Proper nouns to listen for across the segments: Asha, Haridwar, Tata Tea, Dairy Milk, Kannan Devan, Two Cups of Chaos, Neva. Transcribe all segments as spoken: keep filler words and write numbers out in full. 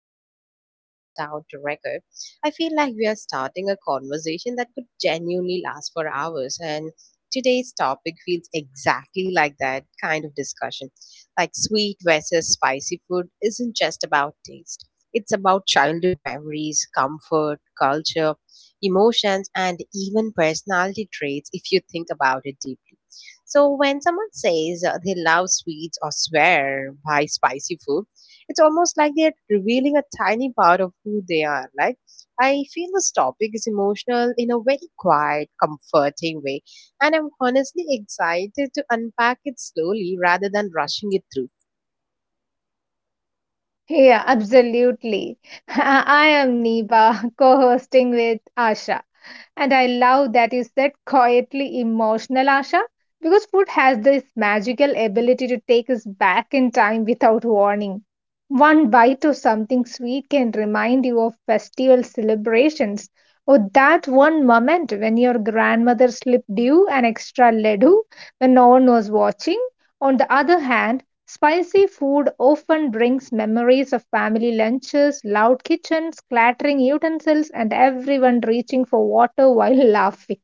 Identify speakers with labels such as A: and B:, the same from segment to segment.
A: time we see it's a down to record, I feel like we are starting a conversation that could genuinely last for hours. And today's topic feels exactly like that kind of discussion. Like sweet versus spicy food isn't just about taste, it's about childhood memories, comfort, culture, emotions, and even personality traits if you think about it deeply. So when someone says uh, they love sweets or swear by spicy food, it's almost like they're revealing a tiny part of who they are. Like, I feel this topic is emotional in a very quiet, comforting way, and I'm honestly excited to unpack it slowly rather than rushing it through.
B: Yeah, absolutely. I am Neva, co hosting with Asha. And I love that you said quietly emotional, Asha, because food has this magical ability to take us back in time without warning. One bite of something sweet can remind you of festival celebrations or that one moment when your grandmother slipped you an extra laddu when no one was watching. On the other hand, spicy food often brings memories of family lunches, loud kitchens, clattering utensils, and everyone reaching for water while laughing.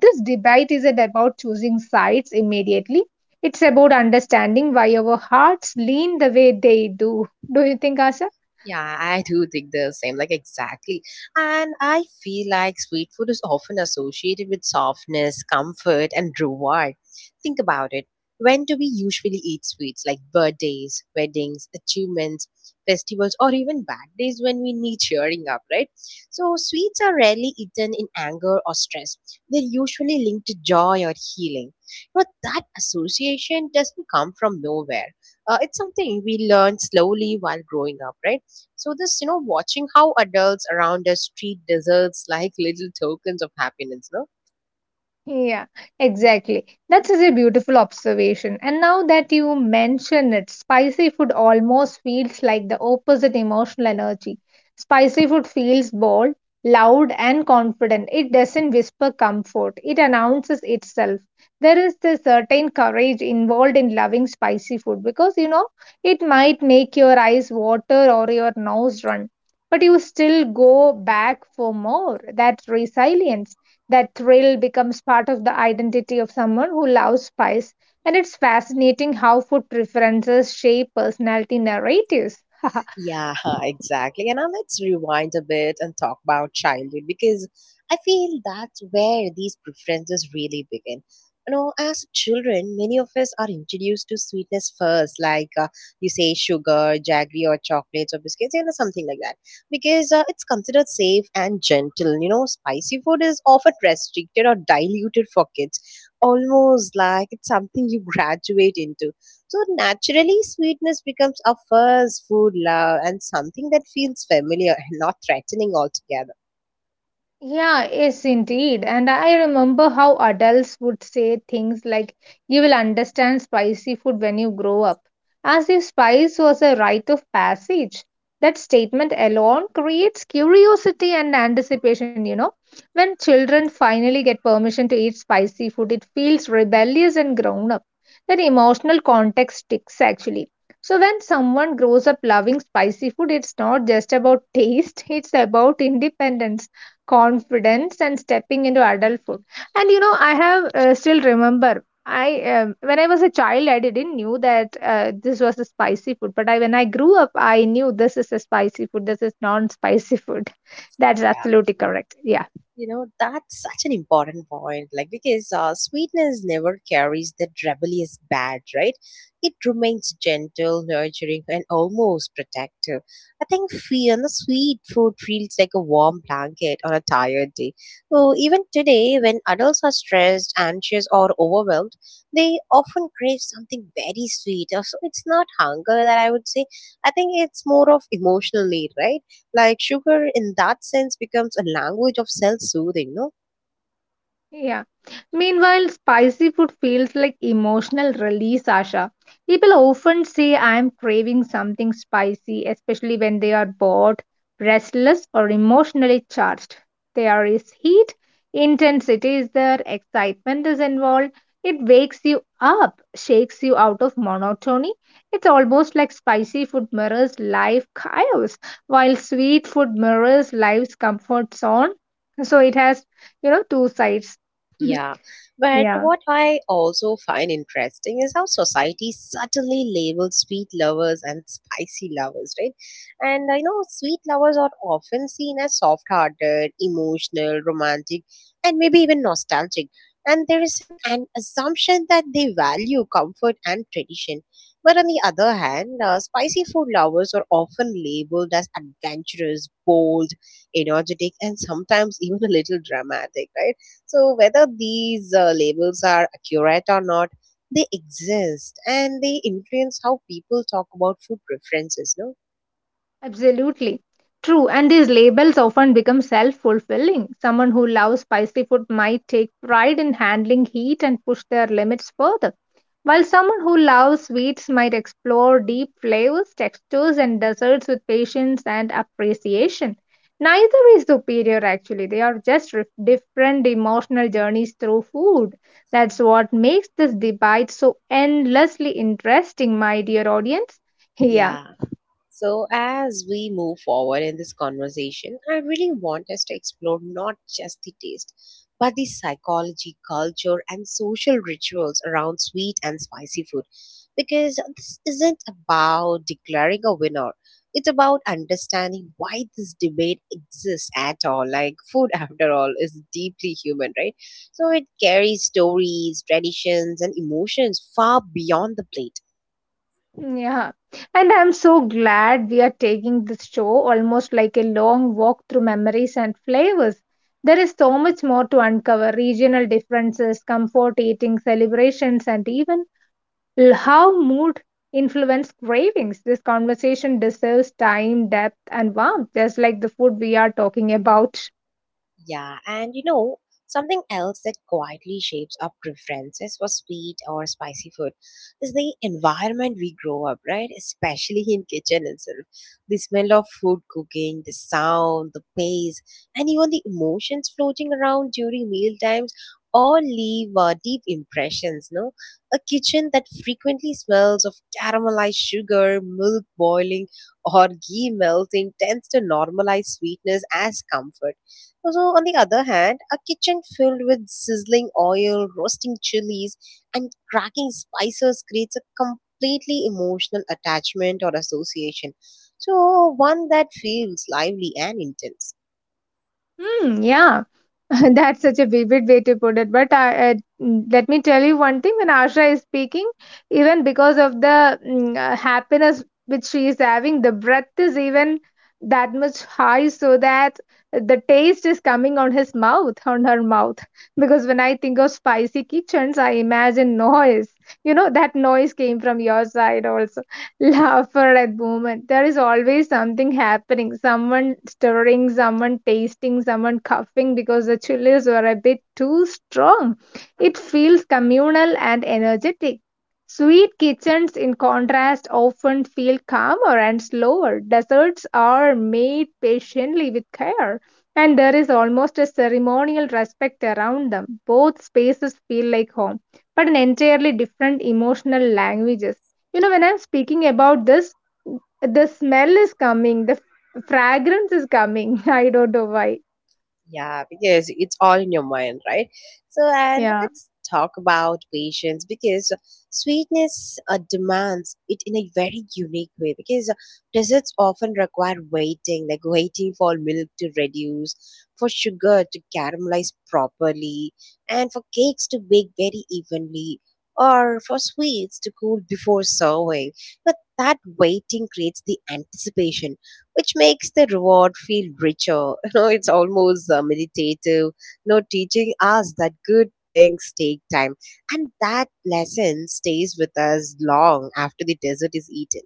B: This debate isn't about choosing sides immediately. It's about understanding why our hearts lean the way they do. Do you think, Asha?
A: Yeah, I do think the same, like exactly. And I feel like sweet food is often associated with softness, comfort, and reward. Think about it. When do we usually eat sweets like birthdays, weddings, achievements, festivals, or even bad days when we need cheering up, right? So, sweets are rarely eaten in anger or stress. They're usually linked to joy or healing. But that association doesn't come from nowhere. Uh, it's something we learn slowly while growing up, right? So this, you know, watching how adults around us treat desserts like little tokens of happiness, no?
B: Yeah, exactly. That's such a beautiful observation. And now that you mention it, spicy food almost feels like the opposite emotional energy. Spicy food feels bold, loud, and confident. It doesn't whisper comfort, it announces itself. There is this certain courage involved in loving spicy food because you know it might make your eyes water or your nose run, but you still go back for more. That resilience, that thrill becomes part of the identity of someone who loves spice. And it's fascinating how food preferences shape personality narratives.
A: Yeah, exactly. And now let's rewind a bit and talk about childhood because I feel that's where these preferences really begin. You know, as children, many of us are introduced to sweetness first, like uh, you say sugar, jaggery, or chocolates, or biscuits, you know, something like that, because uh, it's considered safe and gentle. You know, spicy food is often restricted or diluted for kids, almost like it's something you graduate into. So naturally, sweetness becomes our first food love and something that feels familiar and not threatening altogether.
B: Yeah, yes, indeed. And I remember how adults would say things like, you will understand spicy food when you grow up, as if spice was a rite of passage. That statement alone creates curiosity and anticipation, you know. When children finally get permission to eat spicy food, it feels rebellious and grown up. That emotional context sticks actually. So, when someone grows up loving spicy food, it's not just about taste, it's about independence, confidence and stepping into adulthood. And you know, I have uh, still remember I um, when I was a child I didn't knew that uh, this was a spicy food, but I when I grew up I knew this is a spicy food, this is non spicy food. That's
A: Yeah.
B: absolutely correct, yeah.
A: You know, that's such an important point. Like, because uh, sweetness never carries that rebellious badge, right? It remains gentle, nurturing, and almost protective. I think fear and the sweet food feels like a warm blanket on a tired day. So, even today, when adults are stressed, anxious, or overwhelmed, they often crave something very sweet. Uh, So, it's not hunger that I would say. I think it's more of emotional need, right? Like sugar in that sense becomes a language of self-soothing, no?
B: Yeah. Meanwhile, spicy food feels like emotional release, Asha. People often say I am craving something spicy, especially when they are bored, restless, or emotionally charged. There is heat, intensity is there, excitement is involved. It wakes you up, shakes you out of monotony. It's almost like spicy food mirrors life chaos, while sweet food mirrors life's comfort zone. So it has, you know, two sides.
A: Yeah, but
B: Yeah,
A: what I also find interesting is how society subtly labels sweet lovers and spicy lovers, right? And I know sweet lovers are often seen as soft hearted, emotional, romantic, and maybe even nostalgic. And there is an, an assumption that they value comfort and tradition. But on the other hand, uh, spicy food lovers are often labeled as adventurous, bold, energetic, and sometimes even a little dramatic, right? So, whether these uh, labels are accurate or not, they exist and they influence how people talk about food preferences, no?
B: absolutely. True, and these labels often become self fulfilling. Someone who loves spicy food might take pride in handling heat and push their limits further, while someone who loves sweets might explore deep flavors, textures, and desserts with patience and appreciation. Neither is superior, actually, they are just ref- different emotional journeys through food. That's what makes this debate so endlessly interesting, my dear audience. Yeah.
A: Yeah. So, as we move forward in this conversation, I really want us to explore not just the taste, but the psychology, culture, and social rituals around sweet and spicy food. Because this isn't about declaring a winner, it's about understanding why this debate exists at all. Like, food, after all, is deeply human, right? So, it carries stories, traditions, and emotions far beyond the plate.
B: Yeah, and I'm so glad we are taking this show almost like a long walk through memories and flavors. There is so much more to uncover: regional differences, comfort eating, celebrations, and even l- how mood influence cravings. This conversation deserves time, depth, and warmth, just like the food we are talking about.
A: Yeah, and you know, something else that quietly shapes our preferences for sweet or spicy food is the environment we grow up, right? Especially in kitchen itself. The smell of food cooking, the sound, the pace, and even the emotions floating around during meal times all leave uh, deep impressions, no? A kitchen that frequently smells of caramelized sugar, milk boiling, or ghee melting tends to normalize sweetness as comfort. So, on the other hand, a kitchen filled with sizzling oil, roasting chilies, and cracking spices creates a completely emotional attachment or association. So, one that feels lively and intense.
B: Hmm, yeah. That's such a vivid way to put it. But I, I, mm, let me tell you one thing: when Asha is speaking, even because of the mm, uh, happiness which she is having, the breath is even that much high, so that the taste is coming on his mouth, on her mouth. Because when I think of spicy kitchens, I imagine noise. You know that noise came from your side also, laughter at moment. There is always something happening. Someone stirring, someone tasting, someone coughing because the chilies were a bit too strong. It feels communal and energetic. Sweet kitchens, in contrast, often feel calmer and slower. Desserts are made patiently with care, and there is almost a ceremonial respect around them. Both spaces feel like home, but in entirely different emotional languages. You know, when I'm speaking about this, the smell is coming, the fragrance is coming. I don't know why.
A: Yeah, because it's all in your mind, right? So, and
B: Yeah.
A: let's talk about patience because sweetness uh, demands it in a very unique way because desserts often require waiting, like waiting for milk to reduce, for sugar to caramelize properly, and for cakes to bake very evenly, or for sweets to cool before serving. But that waiting creates the anticipation which makes the reward feel richer. You know, it's almost uh, meditative. You know, teaching us that good things take time, and that lesson stays with us long after the dessert is eaten.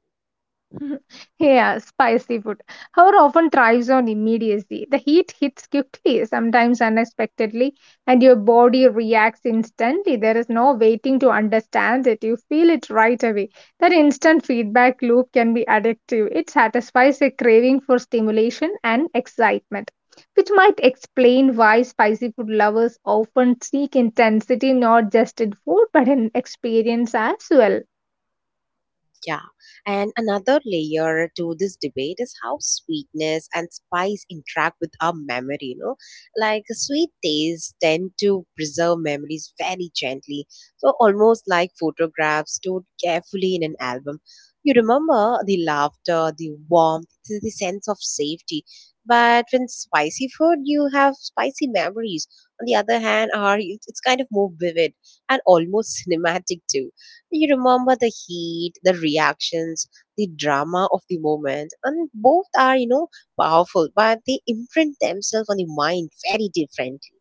B: Yeah, spicy food, however, often thrives on immediacy. The heat hits quickly, sometimes unexpectedly, and your body reacts instantly. There is no waiting to understand it. You feel it right away. That instant feedback loop can be addictive. It satisfies a craving for stimulation and excitement, which might explain why spicy food lovers often seek intensity not just in food but in experience as well.
A: Yeah. And another layer to this debate is how sweetness and spice interact with our memory, you know. Like sweet tastes tend to preserve memories very gently. So almost like photographs stored carefully in an album. You remember the laughter, the warmth, the the sense of safety. But when spicy food, you have spicy memories. On the other hand, are it's kind of more vivid and almost cinematic too. You remember the heat, the reactions, the drama of the moment, and both are, you know, powerful, but they imprint themselves on the mind very differently.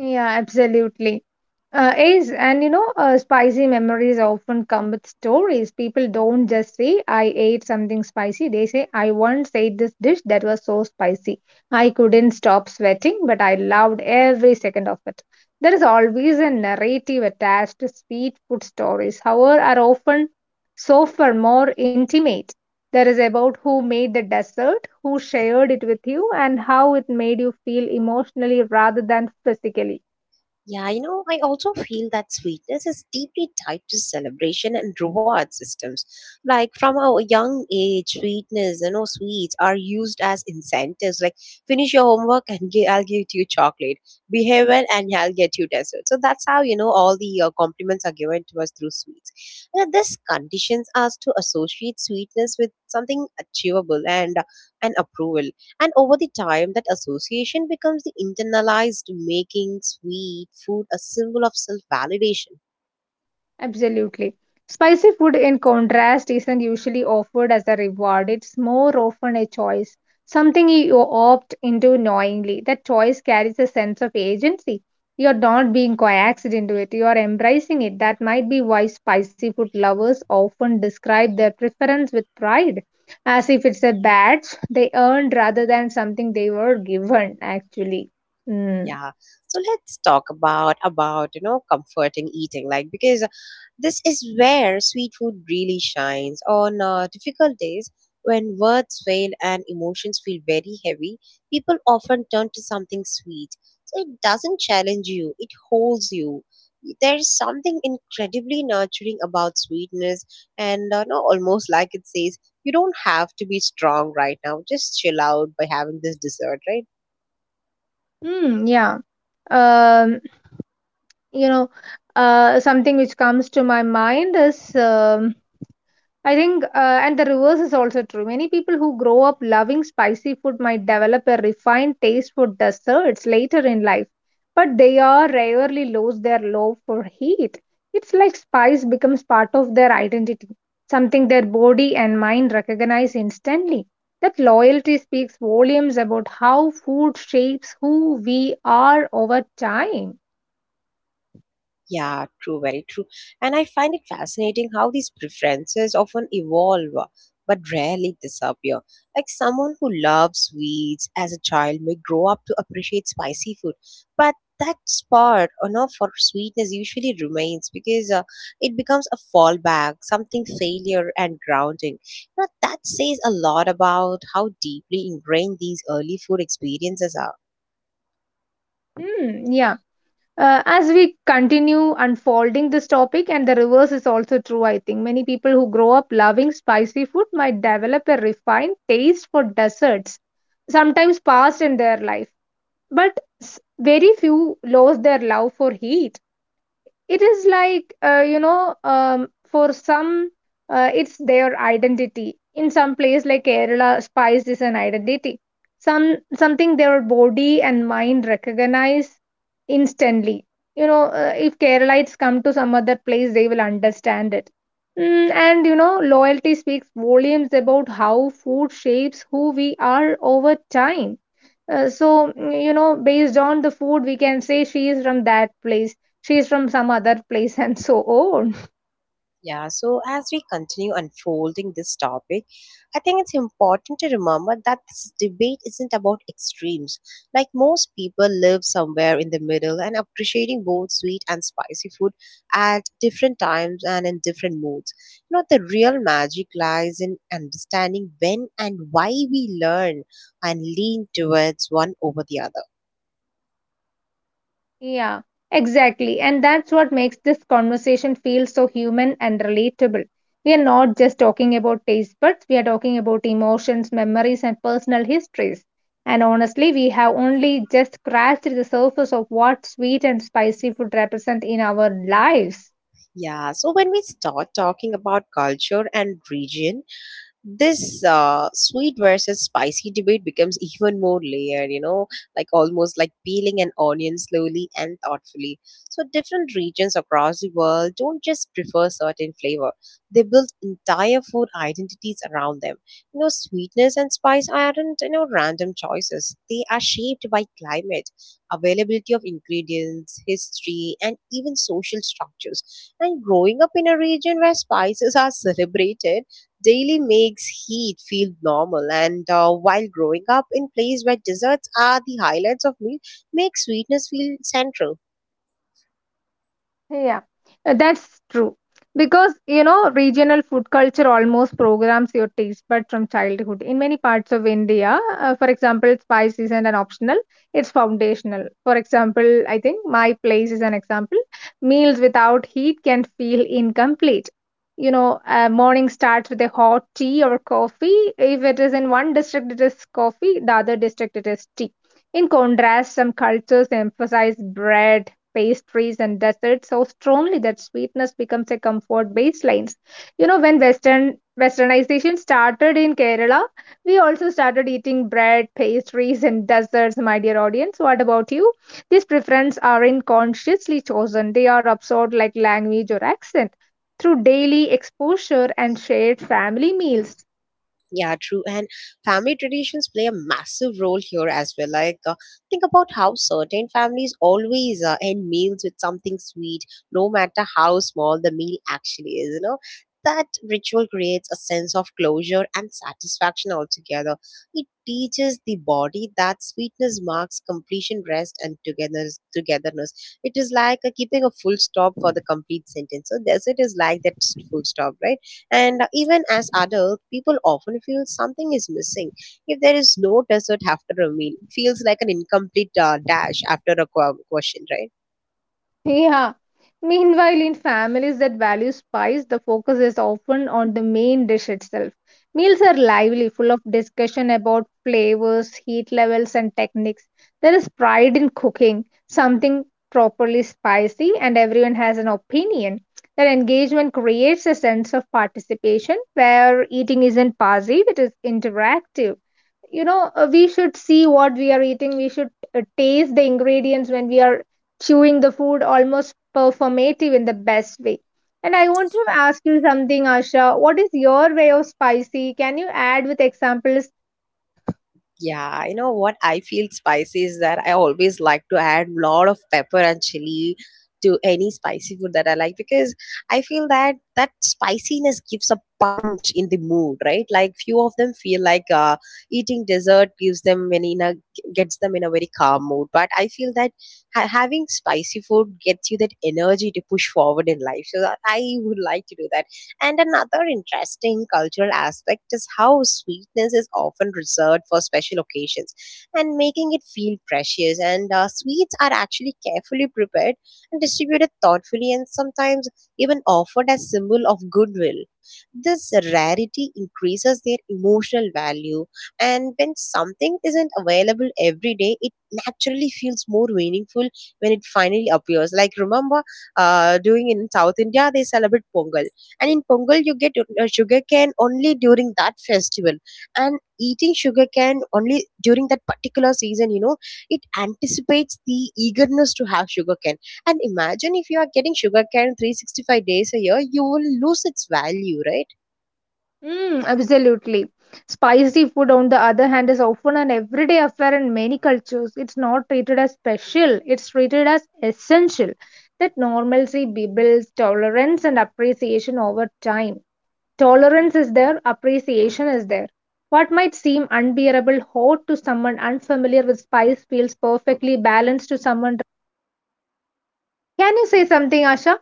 B: Yeah, absolutely. Uh, is and you know uh, spicy memories often come with stories. People don't just say I ate something spicy, they say I once ate this dish that was so spicy I couldn't stop sweating, but I loved every second of it. There is always a narrative attached. To sweet food stories, however, are often softer, more intimate. There is about who made the dessert, who shared it with you and how it made you feel emotionally rather than physically.
A: Yeah, you know, I also feel that sweetness is deeply tied to celebration and reward systems. Like from a young age, sweetness, you know, sweets are used as incentives. Like finish your homework and gi- I'll give you chocolate. Behave well and I'll get you dessert. So that's how you know all the uh, compliments are given to us through sweets. You know, this conditions us to associate sweetness with something achievable and uh, and approval. And over the time, that association becomes the internalized making sweet food a symbol of self validation.
B: Absolutely. Spicy food, in contrast, isn't usually offered as a reward. It's more often a choice, something you opt into knowingly. That choice carries a sense of agency. You're not being coaxed into it, you are embracing it. That might be why spicy food lovers often describe their preference with pride, as if it's a badge they earned rather than something they were given, actually. Mm.
A: Yeah. So let's talk about about, you know, comforting eating like because this is where sweet food really shines on uh, difficult days when words fail and emotions feel very heavy, people often turn to something sweet. So it doesn't challenge you, it holds you. There's something incredibly nurturing about sweetness and uh, no, almost like it says you don't have to be strong right now. Just chill out by having this dessert, right?
B: Mm, yeah. Um, you know, uh, something which comes to my mind is um, i think uh, and the reverse is also true. Many people who grow up loving spicy food might develop a refined taste for desserts later in life, but they are rarely lose their love for heat. It's like spice becomes part of their identity, something their body and mind recognize instantly. That loyalty speaks volumes about how food shapes who we are over time.
A: Yeah, true, very true. And I find it fascinating how these preferences often evolve uh, but rarely disappear. Like someone who loves sweets as a child may grow up to appreciate spicy food, but that spot, you know, for sweetness usually remains because uh, it becomes a fallback, something failure and grounding. You know, that says a lot about how deeply ingrained these early food experiences are.
B: Hmm, yeah. Uh, as we continue unfolding this topic, and the reverse is also true, I think many people who grow up loving spicy food might develop a refined taste for desserts sometimes past in their life, but s- very few lose their love for heat. It is like, uh, you know, um, for some, uh, it's their identity. In some place like Kerala, spice is an identity. Some, something their body and mind recognize instantly. You know, uh, if Keralites come to some other place they will understand it. Mm, and you know, loyalty speaks volumes about how food shapes who we are over time. uh, so, mm, you know, based on the food, we can say she is from that place, she is from some other place, and so on.
A: Yeah, so as we continue unfolding this topic, I think it's important to remember that this debate isn't about extremes. Like most people live somewhere in the middle and appreciating both sweet and spicy food at different times and in different moods. You know, the real magic lies in understanding when and why we learn and lean towards one over the other.
B: Yeah, exactly. And that's what makes this conversation feel so human and relatable. We are not just talking about taste buds, we are talking about emotions, memories, and personal histories. And honestly, we have only just scratched the surface of what sweet and spicy food represent in our lives.
A: Yeah, so when we start talking about culture and region, this uh, sweet versus spicy debate becomes even more layered, you know, like almost like peeling an onion slowly and thoughtfully. So different regions across the world don't just prefer certain flavor, they build entire food identities around them. You know, sweetness and spice aren't, you know, random choices, they are shaped by climate, availability of ingredients, history and even social structures. And growing up in a region where spices are celebrated daily makes heat feel normal, and uh, while growing up in place where desserts are the highlights of meal, makes sweetness feel central.
B: Yeah, uh, that's true. Because, you know, regional food culture almost programs your taste bud from childhood. In many parts of India, uh, for example, spice isn't an optional, it's foundational. For example, I think my place is an example. Meals without heat can feel incomplete. You know, uh, morning starts with a hot tea or coffee. If it is in one district, it is coffee, the other district, it is tea. In contrast, some cultures emphasize bread, pastries and desserts so strongly that sweetness becomes a comfort baselines. You know, when western westernization started in Kerala, we also started eating bread, pastries and desserts. My dear audience, what about you? These preferences aren't consciously chosen, they are absorbed like language or accent, through daily exposure and shared family meals.
A: Yeah, true. And family traditions play a massive role here as well. Like, uh, think about how certain families always uh, end meals with something sweet, no matter how small the meal actually is, you know. That ritual creates a sense of closure and satisfaction altogether. It teaches the body that sweetness marks completion, rest, and togetherness. togetherness. It is like uh, keeping a full stop for the complete sentence. So, this it is like that full stop, right? And even as adult, people often feel something is missing. If there is no dessert after a meal, it feels like an incomplete uh, dash after a qu- question, right?
B: Yeah. Meanwhile, in families that value spice, the focus is often on the main dish itself. Meals are lively, full of discussion about flavors, heat levels, and techniques. There is pride in cooking something properly spicy, and everyone has an opinion. That engagement creates a sense of participation where eating isn't passive, it is interactive. You know, uh, we should see what we are eating, we should uh, taste the ingredients when we are chewing the food, almost performative in the best way. And I want to ask you something, Asha, what is your way of spicy? Can you add with examples?
A: Yeah, you know what I feel spicy is that I always like to add lot of pepper and chili to any spicy food that I like because I feel that that spiciness gives a punch in the mood, right? Like few of them feel like uh, eating dessert gives them when in a gets them in a very calm mood, but I feel that ha- having spicy food gets you that energy to push forward in life. So that I would like to do that. And another interesting cultural aspect is how sweetness is often reserved for special occasions and making it feel precious. And uh, sweets are actually carefully prepared and distributed thoughtfully and sometimes even offered as symbol of goodwill. This rarity increases their emotional value and when something isn't available every day, it naturally feels more meaningful when it finally appears. Like remember, uh, doing in South India, they celebrate Pongal, and in pongal you get uh, sugarcane only during that festival, and eating sugarcane only during that particular season, you know, it anticipates the eagerness to have sugarcane. And imagine if you are getting sugarcane three sixty-five days a year, you will lose its value, right?
B: Mm, absolutely. Spicy food, on the other hand, is often an everyday affair. In many cultures it's not treated as special, it's treated as essential. That normalcy builds tolerance and appreciation over time. Tolerance is there, appreciation is there. What might seem unbearable hot to someone unfamiliar with spice feels perfectly balanced to someone. Can you say something, Asha?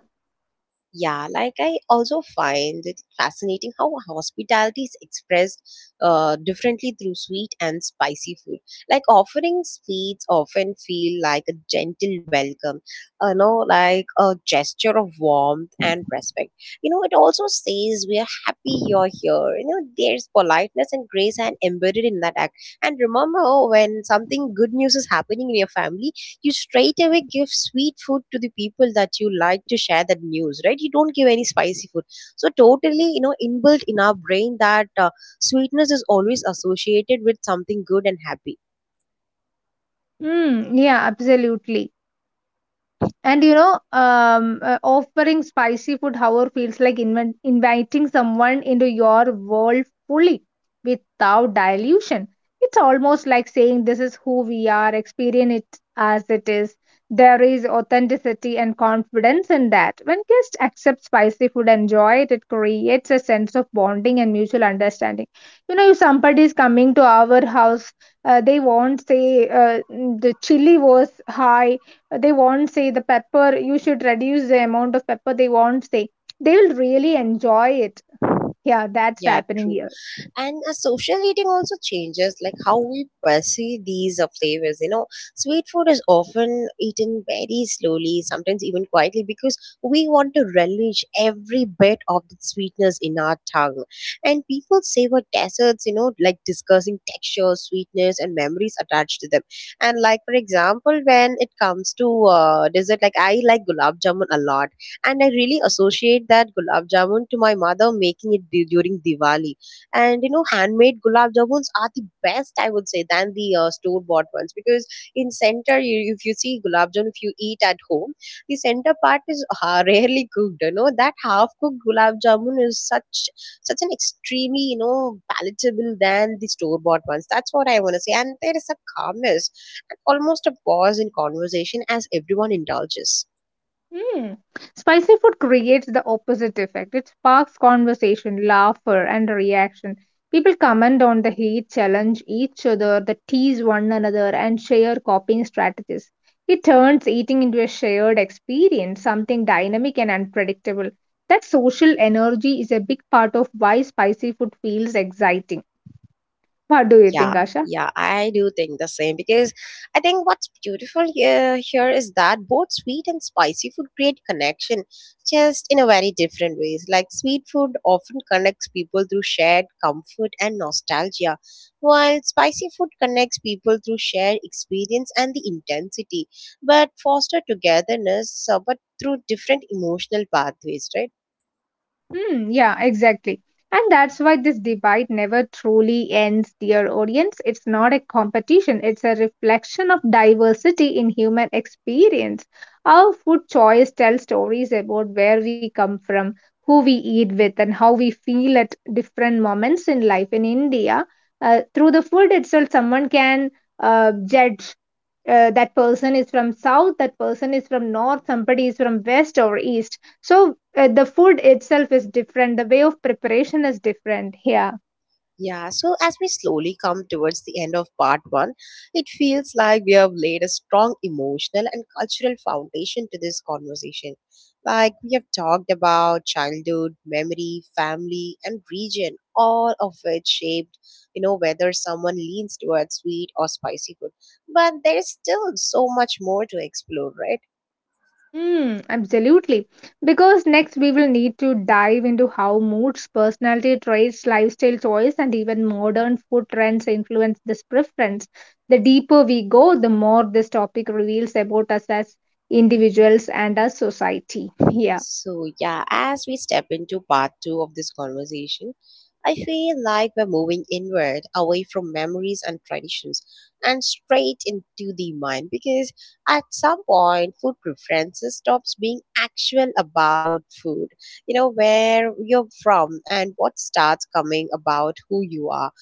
A: Yeah, like I also find it fascinating how hospitality is expressed uh, differently through sweet and spicy food. Like offering sweets often feel like a gentle welcome, you know, like a gesture of warmth and respect. You know, it also says we are happy you're here. You know, there's politeness and grace and embedded in that act. And remember, oh, when something good news is happening in your family, you straight away give sweet food to the people that you like to share that news, right? You don't give any spicy food. So totally, you know, inbuilt in our brain that uh, sweetness is always associated with something good and happy.
B: Mm, yeah, absolutely. And you know, um, uh, offering spicy food, however, feels like inv- inviting someone into your world fully, without dilution. It's almost like saying, this is who we are, experience it as it is. There is authenticity and confidence in that. When guests accept spicy food and enjoy it, it creates a sense of bonding and mutual understanding. You know, if somebody is coming to our house, uh, they won't say uh, "Mm, the chili was high, they won't say the pepper, you should reduce the amount of pepper, they won't say, they will really enjoy it. Yeah, that's
A: Yeah,
B: happening
A: true.
B: here.
A: And uh, social eating also changes like how we perceive these uh, flavors, you know. Sweet food is often eaten very slowly, sometimes even quietly, because we want to relish every bit of the sweetness in our tongue. And people savor desserts, you know, like discussing texture, sweetness, and memories attached to them. And like for example, when it comes to uh, dessert, like I like gulab jamun a lot, and I really associate that gulab jamun to my mother making it du- during diwali. And you know, handmade gulab jamuns are the best, I would say, than the uh, store bought ones, because in center you, if you see gulab jamun, if you eat at home, the center part is uh, rarely cooked. You know, that half cooked gulab jamun is such such an extremely, you know, palatable than the store bought ones. That's what I want to say. And there is a calmness and almost a pause in conversation as everyone indulges.
B: Hmm. Spicy food creates the opposite effect. It sparks conversation, laughter, and reaction. People comment on the heat, challenge each other, they tease one another, and share coping strategies. It turns eating into a shared experience, something dynamic and unpredictable. That social energy is a big part of why spicy food feels exciting. What do you
A: Yeah,
B: think, Asha?
A: yeah, I do think the same, because I think what's beautiful here, here is that both sweet and spicy food create connection, just in a very different ways. Like sweet food often connects people through shared comfort and nostalgia, while spicy food connects people through shared experience and the intensity, but foster togetherness, uh, but through different emotional pathways, right?
B: Hmm, yeah, exactly. And that's why this debate never truly ends, dear audience. It's not a competition, it's a reflection of diversity in human experience. Our food choice tells stories about where we come from, who we eat with, and how we feel at different moments in life. In India, uh, through the food itself, someone can uh, judge, uh, that person is from south, that person is from north, somebody is from west or east. So uh, the food itself is different, the way of preparation is different here.
A: Yeah, so as we slowly come towards the end of part one, it feels like we have laid a strong emotional and cultural foundation to this conversation. Like we have talked about childhood, memory, family, and region, all of which shaped, you know, whether someone leans towards sweet or spicy food. But there's still so much more to explore, right?
B: Mm, absolutely. Because next we will need to dive into how moods, personality traits, lifestyle choice, and even modern food trends influence this preference. The deeper we go, the more this topic reveals about us as individuals and as society. Yeah.
A: So, yeah, as we step into part two of this conversation, I feel like we're moving inward, away from memories and traditions, and straight into the mind, because at some point, food preferences stops being actual about food, you know, where you're from, and what starts coming about who you are.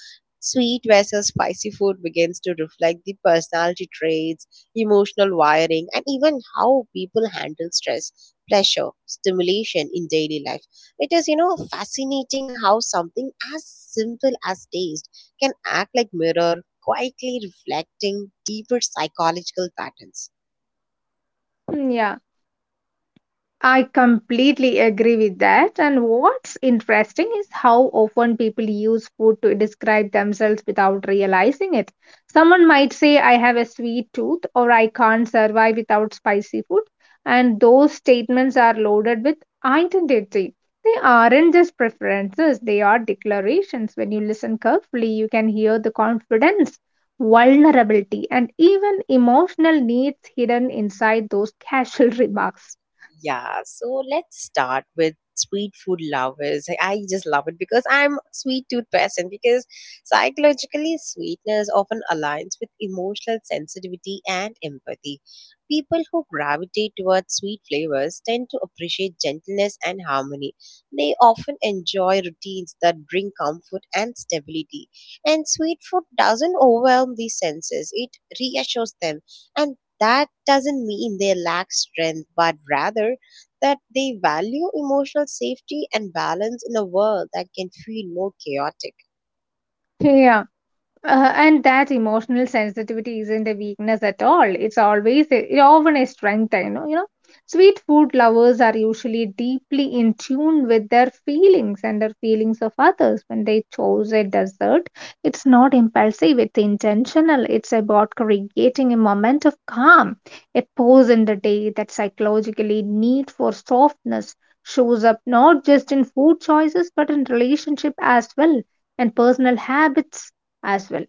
A: Sweet versus spicy food begins to reflect the personality traits, emotional wiring, and even how people handle stress, pleasure, stimulation in daily life. It is, you know, fascinating how something as simple as taste can act like mirror, quietly reflecting deeper psychological patterns.
B: Hmm, yeah. I completely agree with that. And what's interesting is how often people use food to describe themselves without realizing it. Someone might say, I have a sweet tooth, or I can't survive without spicy food. And those statements are loaded with identity. They aren't just preferences, they are declarations. When you listen carefully, you can hear the confidence, vulnerability, and even emotional needs hidden inside those casual remarks.
A: Yeah, so let's start with sweet food lovers. I I just love it because I'm a sweet tooth person, because psychologically sweetness often aligns with emotional sensitivity and empathy. People who gravitate towards sweet flavors tend to appreciate gentleness and harmony. They often enjoy routines that bring comfort and stability. And sweet food doesn't overwhelm these senses. It reassures them. And that doesn't mean they lack strength, but rather that they value emotional safety and balance in a world that can feel more chaotic.
B: Yeah. Uh, and that emotional sensitivity isn't a weakness at all. It's always a, it often a strength, you know. You know, sweet food lovers are usually deeply in tune with their feelings and their feelings of others. When they choose a dessert, it's not impulsive; it's intentional. It's about creating a moment of calm, a pause in the day that psychologically need for softness shows up not just in food choices but in relationship as well and personal habits as well.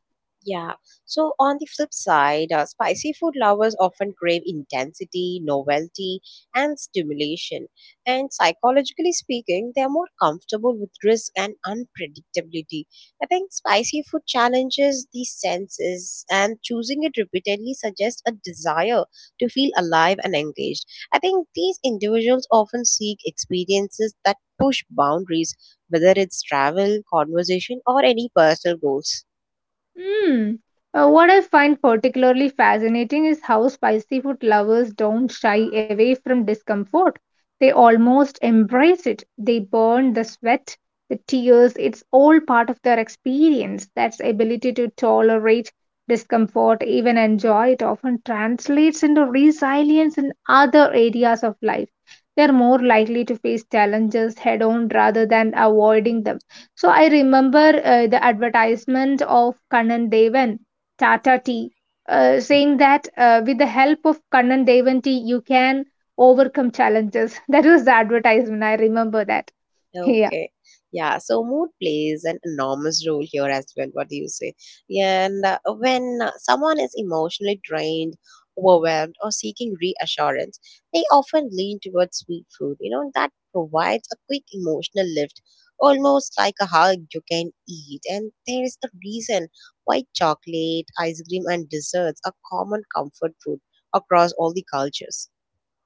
A: Yeah. So on the flip side, uh, spicy food lovers often crave intensity, novelty, and stimulation. And psychologically speaking, they are more comfortable with risk and unpredictability. I think spicy food challenges the senses, and choosing it repeatedly suggests a desire to feel alive and engaged. I think these individuals often seek experiences that push boundaries, whether it's travel, conversation, or any personal goals.
B: Hmm. Uh, what I find particularly fascinating is how spicy food lovers don't shy away from discomfort. They almost embrace it. They burn the sweat, the tears. It's all part of their experience. That ability to tolerate discomfort, even enjoy it, often translates into resilience in other areas of life. They are more likely to face challenges head on rather than avoiding them. So I remember uh, the advertisement of Kannan Devan, Tata Tea, uh, saying that uh, with the help of Kannan Devan tea, you can overcome challenges. That was the advertisement. I remember that. Yeah.
A: Okay. Yeah. So mood plays an enormous role here as well. What do you say? And uh, when uh, someone is emotionally drained, overwhelmed, or seeking reassurance, they often lean towards sweet food. You know, that provides a quick emotional lift, almost like a hug you can eat. And there is a reason why chocolate, ice cream, and desserts are common comfort food across all the cultures.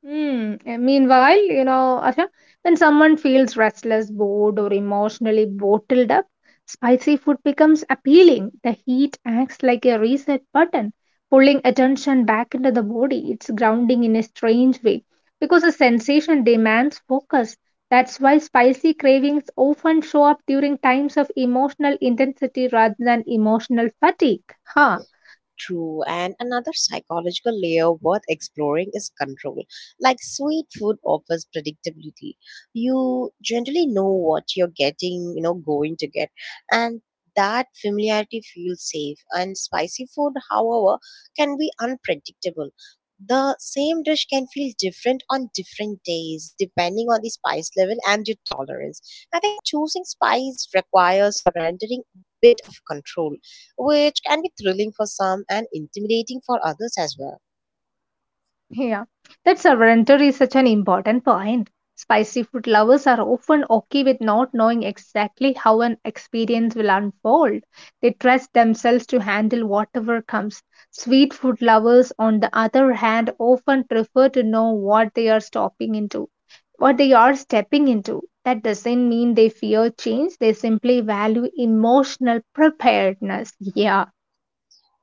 B: Hmm. uh, Meanwhile, you know, Asha, when someone feels restless, bored, or emotionally bottled up, spicy food becomes appealing. The heat acts like a reset button, pulling attention back into the body. It's grounding in a strange way because the sensation demands focus. That's why spicy cravings often show up during times of emotional intensity rather than emotional fatigue. Huh.
A: True, and another psychological layer worth exploring is control. Like sweet food offers predictability. You generally know what you're getting, you know, going to get, and that familiarity feels safe. And spicy food, however, can be unpredictable. The same dish can feel different on different days, depending on the spice level and your tolerance. I think choosing spice requires surrendering a bit of control, which can be thrilling for some and intimidating for others as well.
B: Yeah, that surrender is such an important point. Spicy food lovers are often okay with not knowing exactly how an experience will unfold. They trust themselves to handle whatever comes. Sweet food lovers, on the other hand, often prefer to know what they are stopping into, what they are stepping into. That doesn't mean they fear change, they simply value emotional preparedness. Yeah.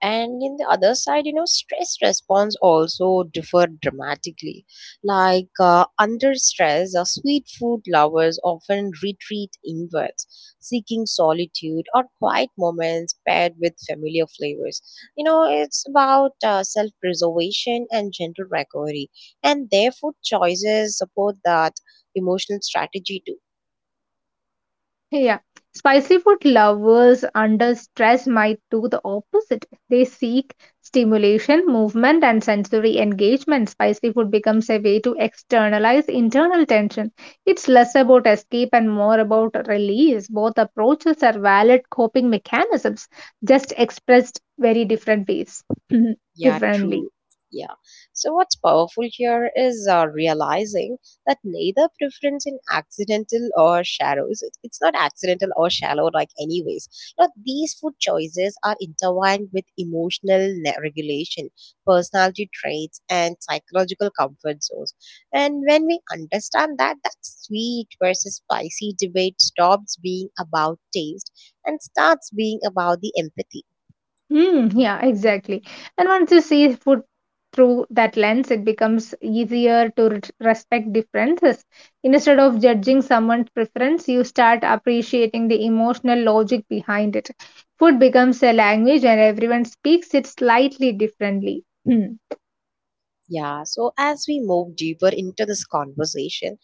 A: And in the other side, you know, stress response also differ dramatically. Like uh, under stress, uh, sweet food lovers often retreat inwards, seeking solitude or quiet moments paired with familiar flavors. You know, it's about uh, self preservation and gentle recovery, and their food choices support that emotional strategy too.
B: Yeah. Spicy food lovers under stress might do the opposite. They seek stimulation, movement, and sensory engagement. Spicy food becomes a way to externalize internal tension. It's less about escape and more about release. Both approaches are valid coping mechanisms, just expressed very different ways,
A: Yeah,
B: differently.
A: true. Yeah. So, what's powerful here is uh, realizing that neither preference in accidental or shallows, it- it's not accidental or shallow, like, anyways. Now, these food choices are intertwined with emotional ne- regulation, personality traits, and psychological comfort zones. And when we understand that, that sweet versus spicy debate stops being about taste and starts being about the empathy.
B: Hmm, yeah, exactly. And once you see food through that lens, it becomes easier to res- respect differences. Instead of judging someone's preference, you start appreciating the emotional logic behind it. Food becomes a language, and everyone speaks it slightly differently.
A: Yeah, so as we move deeper into this conversation,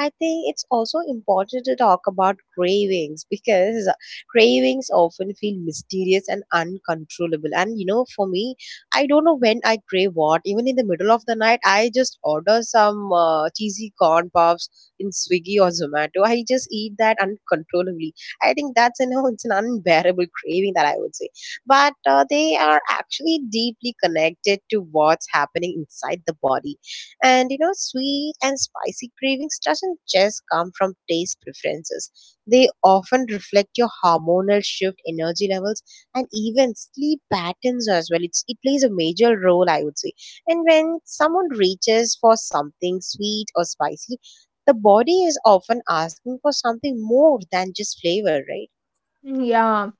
A: I think it's also important to talk about cravings, because cravings often feel mysterious and uncontrollable. And you know, for me, I don't know when I crave what. Even in the middle of the night, I just order some uh, cheesy corn puffs in Swiggy or Zomato. I just eat that uncontrollably. I think that's, you know, it's an unbearable craving that I would say. But uh, they are actually deeply connected to what's happening inside the body. And you know, sweet and spicy cravings doesn't just come from taste preferences. They often reflect your hormonal shift, energy levels, and even sleep patterns as well. It's, it plays a major role, I would say. And when someone reaches for something sweet or spicy, the body is often asking for something more than just flavor, right?
B: Hmm. Yeah.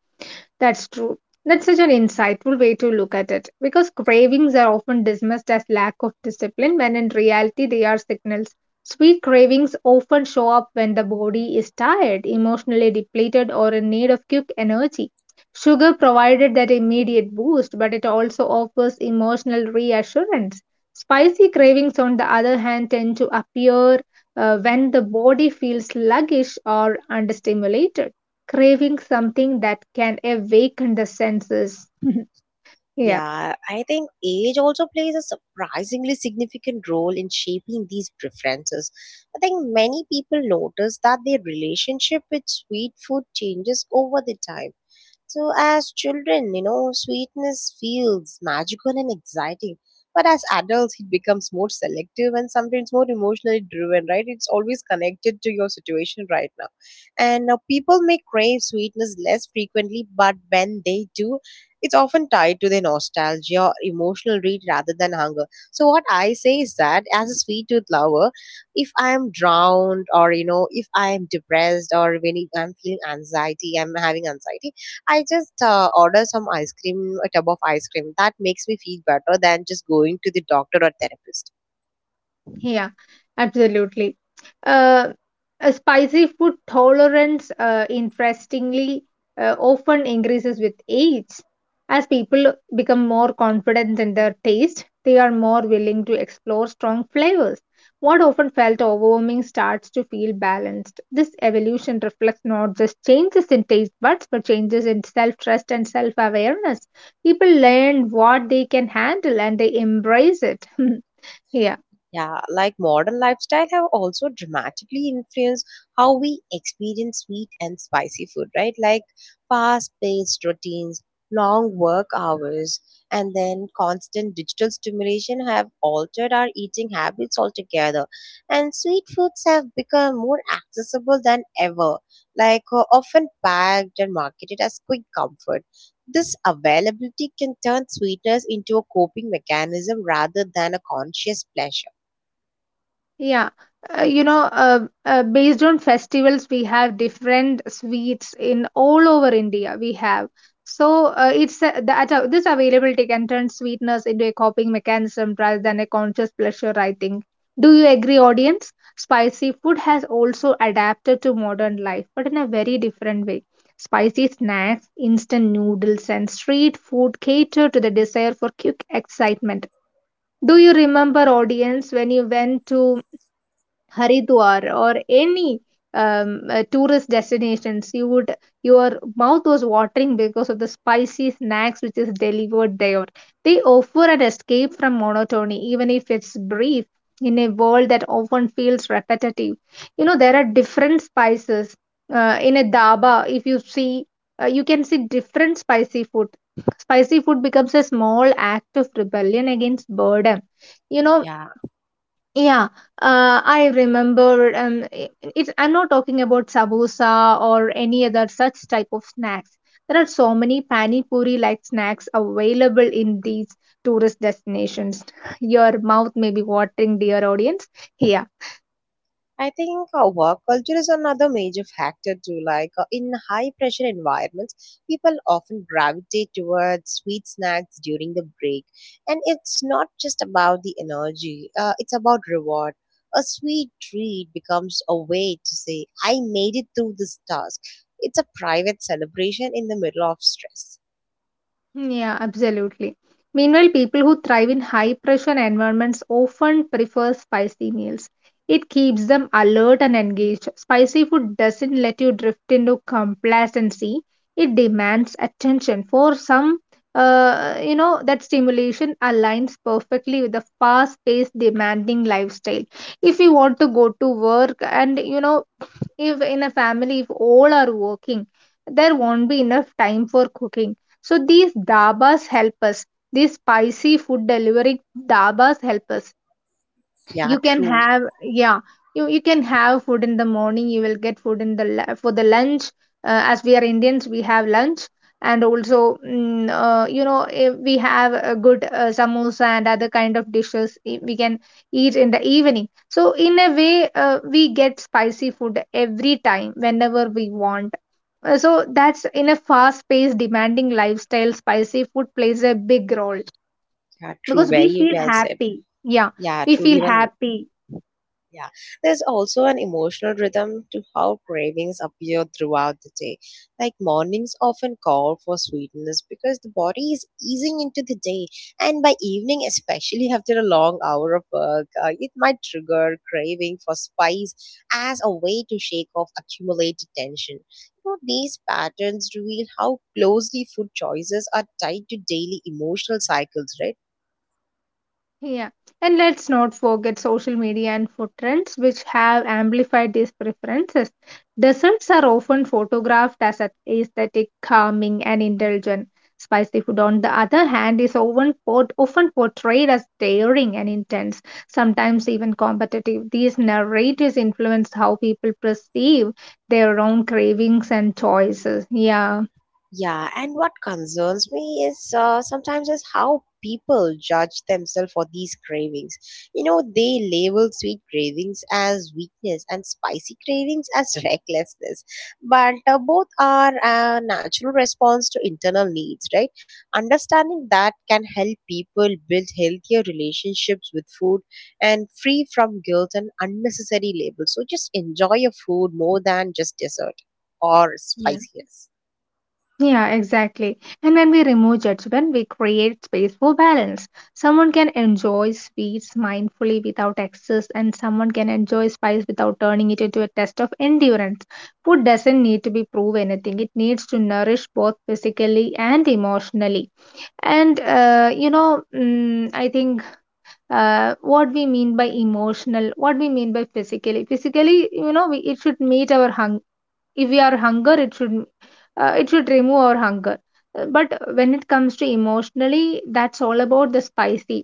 B: That's true. That's such an insightful way to look at it because cravings are often dismissed as lack of discipline when in reality they are signals. Sweet cravings often show up when the body is tired, emotionally depleted, or in need of quick energy. Sugar provided that immediate boost, but it also offers emotional reassurance. Spicy cravings, on the other hand, tend to appear uh, when the body feels sluggish or understimulated, craving something that can awaken the senses. Yeah.
A: Yeah, I think age also plays a surprisingly significant role in shaping these preferences. I think many people notice that their relationship with sweet food changes over the time. So, as children, you know, sweetness feels magical and exciting. But as adults, it becomes more selective and sometimes more emotionally driven, right? It's always connected to your situation right now. And now people may crave sweetness less frequently, but when they do, it's often tied to their nostalgia or emotional need rather than hunger. So, what I say is that as a sweet tooth lover, if I am drowned or, you know, if I am depressed or when I'm feeling anxiety, I'm having anxiety, I just uh, order some ice cream, a tub of ice cream. That makes me feel better than just going to the doctor or therapist.
B: Yeah, absolutely. Uh, a spicy food tolerance, uh, interestingly, uh, often increases with age. As people become more confident in their taste, they are more willing to explore strong flavors. What often felt overwhelming starts to feel balanced. This evolution reflects not just changes in taste buds, but changes in self trust and self awareness. People learn what they can handle and they embrace it. Yeah.
A: Yeah, like modern lifestyle have also dramatically influenced how we experience sweet and spicy food, right? Like fast-paced routines, long work hours, and then constant digital stimulation have altered our eating habits altogether. And sweet foods have become more accessible than ever, like uh, often packed and marketed as quick comfort. This availability can turn sweetness into a coping mechanism rather than a conscious pleasure.
B: Yeah, uh, you know, uh, uh, based on festivals, we have different sweets in all over India. We have, so uh, it's uh, that uh, this availability can turn sweetness into a coping mechanism rather than a conscious pleasure, I think. Do you agree, audience? Spicy food has also adapted to modern life, but in a very different way. Spicy snacks, instant noodles, and street food cater to the desire for quick excitement. Do you remember, audience, when you went to Haridwar or any um, uh, tourist destinations, you would, your mouth was watering because of the spicy snacks which is delivered there. They offer an escape from monotony, even if it's brief, in a world that often feels repetitive. You know there are different spices uh, in a dhaba. If you see, uh, you can see different spicy food. Spicy food becomes a small act of rebellion against boredom, you know.
A: Yeah,
B: Yeah, uh, I remember. Um, i- it's, I'm not talking about samosa or any other such type of snacks. There are so many pani puri like snacks available in these tourist destinations. Your mouth may be watering, dear audience. Here,
A: I think uh, work culture is another major factor too. Like uh, in high pressure environments, people often gravitate towards sweet snacks during the break. And it's not just about the energy, uh, it's about reward. A sweet treat becomes a way to say, I made it through this task. It's a private celebration in the middle of stress.
B: yeah, absolutely. Meanwhile, people who thrive in high pressure environments often prefer spicy meals. It keeps them alert and engaged. Spicy food doesn't let you drift into complacency. It demands attention. For some, uh, you know, that stimulation aligns perfectly with the fast paced, demanding lifestyle. If you want to go to work, and, you know, if in a family if all are working, there won't be enough time for cooking, so these dabas help us, these spicy food delivery dabas help us.
A: Yeah,
B: You can
A: true.
B: have, yeah, you, you can have food in the morning, you will get food in the la- for the lunch. Uh, as we are indians, we have lunch. And also mm, uh, you know, eh, we have a good uh, samosa and other kind of dishes, eh, we can eat in the evening. So in a way, uh, we get spicy food every time whenever we want. Uh, so that's, in a fast paced demanding lifestyle, spicy food plays a big role
A: Yeah, true.
B: because we
A: Very
B: feel
A: well said.
B: happy. Yeah,
A: Yeah,
B: we
A: true.
B: feel
A: Even
B: happy.
A: Yeah, there's also an emotional rhythm to how cravings appear throughout the day. Like mornings often call for sweetness because the body is easing into the day, and by evening, especially after a long hour of work, uh, it might trigger craving for spice as a way to shake off accumulated tension. You know, these patterns reveal how closely food choices are tied to daily emotional cycles, right?
B: Yeah, and let's not forget social media and food trends, which have amplified these preferences. Desserts are often photographed as a- aesthetic, calming, and indulgent. Spicy food, on the other hand, is often, port- often portrayed as daring and intense, sometimes even competitive. These narratives influence how people perceive their own cravings and choices. Yeah.
A: Yeah, and what concerns me is uh, sometimes is how people judge themselves for these cravings. You know, they label sweet cravings as weakness and spicy cravings as recklessness. But uh, both are a natural response to internal needs, right? Understanding that can help people build healthier relationships with food and free from guilt and unnecessary labels. So just enjoy your food more than just dessert or spiciness.
B: Yeah, exactly. And when we remove judgment, we create space for balance. Someone can enjoy sweets mindfully without excess, and someone can enjoy spice without turning it into a test of endurance. Food doesn't need to be prove anything, it needs to nourish both physically and emotionally. And, uh, you know, mm, I think uh, what we mean by emotional, what we mean by physically, physically, you know, we, it should meet our hung, if we are hunger it should, uh, it should remove our hunger. Uh, but when it comes to emotionally, that's all about the spicy,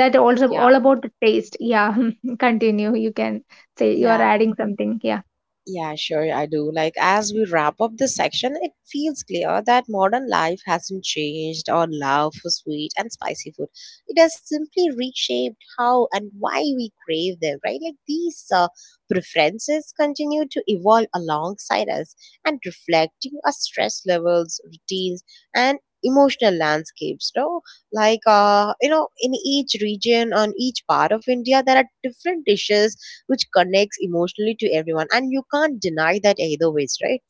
B: that also
A: Yeah.
B: all about the taste, yeah. Continue, you can say, you are
A: Yeah,
B: adding something, yeah.
A: yeah, sure, I do. Like, as we wrap up this section, it feels clear that modern life hasn't changed our love for sweet and spicy food. It has simply reshaped how and why we crave them, right? Like, these uh, preferences continue to evolve alongside us and reflecting our stress levels, routines, and emotional landscapes, no? Like uh you know, in each region, on each part of India, there are different dishes which connects emotionally to everyone, and you can't deny that either ways, right?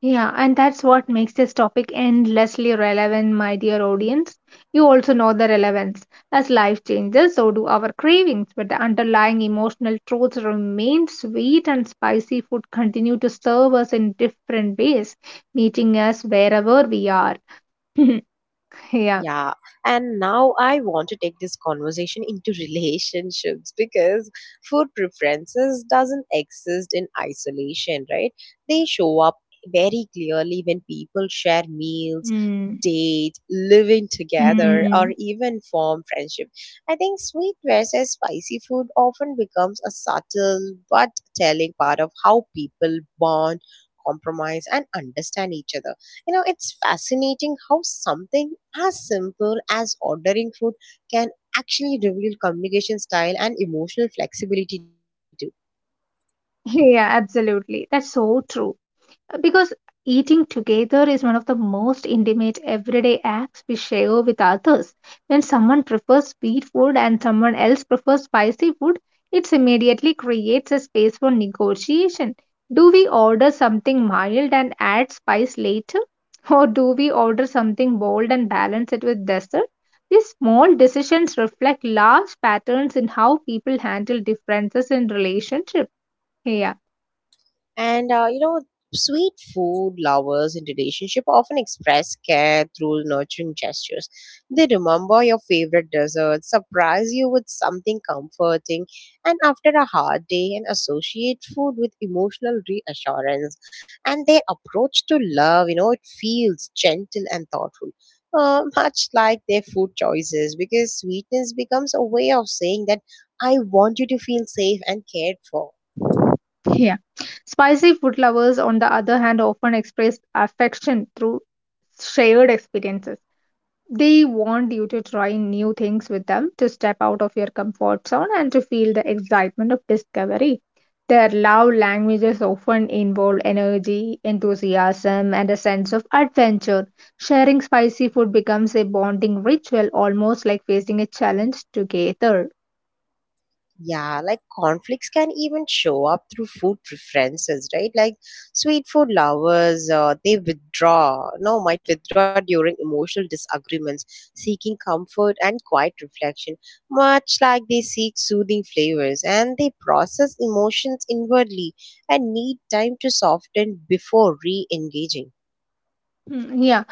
B: Yeah, and that's what makes this topic endlessly relevant, my dear audience. You also know the relevance. As life changes, so do our cravings, but the underlying emotional truths remain, sweet and spicy food continue to serve us in different ways, meeting us wherever we are. Yeah.
A: Yeah, and now I want to take this conversation into relationships because food preferences doesn't exist in isolation, right? They show up very clearly when people share meals,
B: Mm.
A: date, living together,
B: Mm.
A: or even form friendship. I think sweet versus spicy food often becomes a subtle but telling part of how people bond, compromise, and understand each other. You know, it's fascinating how something as simple as ordering food can actually reveal communication style and emotional flexibility too.
B: Yeah, absolutely. That's so true. Uh, Because eating together is one of the most intimate everyday acts we share with others. When someone prefers sweet food and someone else prefers spicy food, it immediately creates a space for negotiation. Do we order something mild and add spice later? Or do we order something bold and balance it with dessert? These small decisions reflect large patterns in how people handle differences in relationships. Yeah.
A: And uh, you know, sweet food lovers in relationship often express care through nurturing gestures. They remember your favorite dessert, surprise you with something comforting, and after a hard day, and associate food with emotional reassurance. And their approach to love, you know, it feels gentle and thoughtful. Uh, much like their food choices, because sweetness becomes a way of saying that I want you to feel safe and cared for.
B: Yeah. Spicy food lovers, on the other hand, often express affection through shared experiences. They want you to try new things with them, to step out of your comfort zone, and to feel the excitement of discovery. Their love languages often involve energy, enthusiasm, and a sense of adventure. Sharing spicy food becomes a bonding ritual, almost like facing a challenge together.
A: Yeah, like conflicts can even show up through food preferences, right? Like sweet food lovers, uh, they withdraw, no, might withdraw during emotional disagreements, seeking comfort and quiet reflection, much like they seek soothing flavors, and they process emotions inwardly and need time to soften before re engaging.
B: Mm, yeah.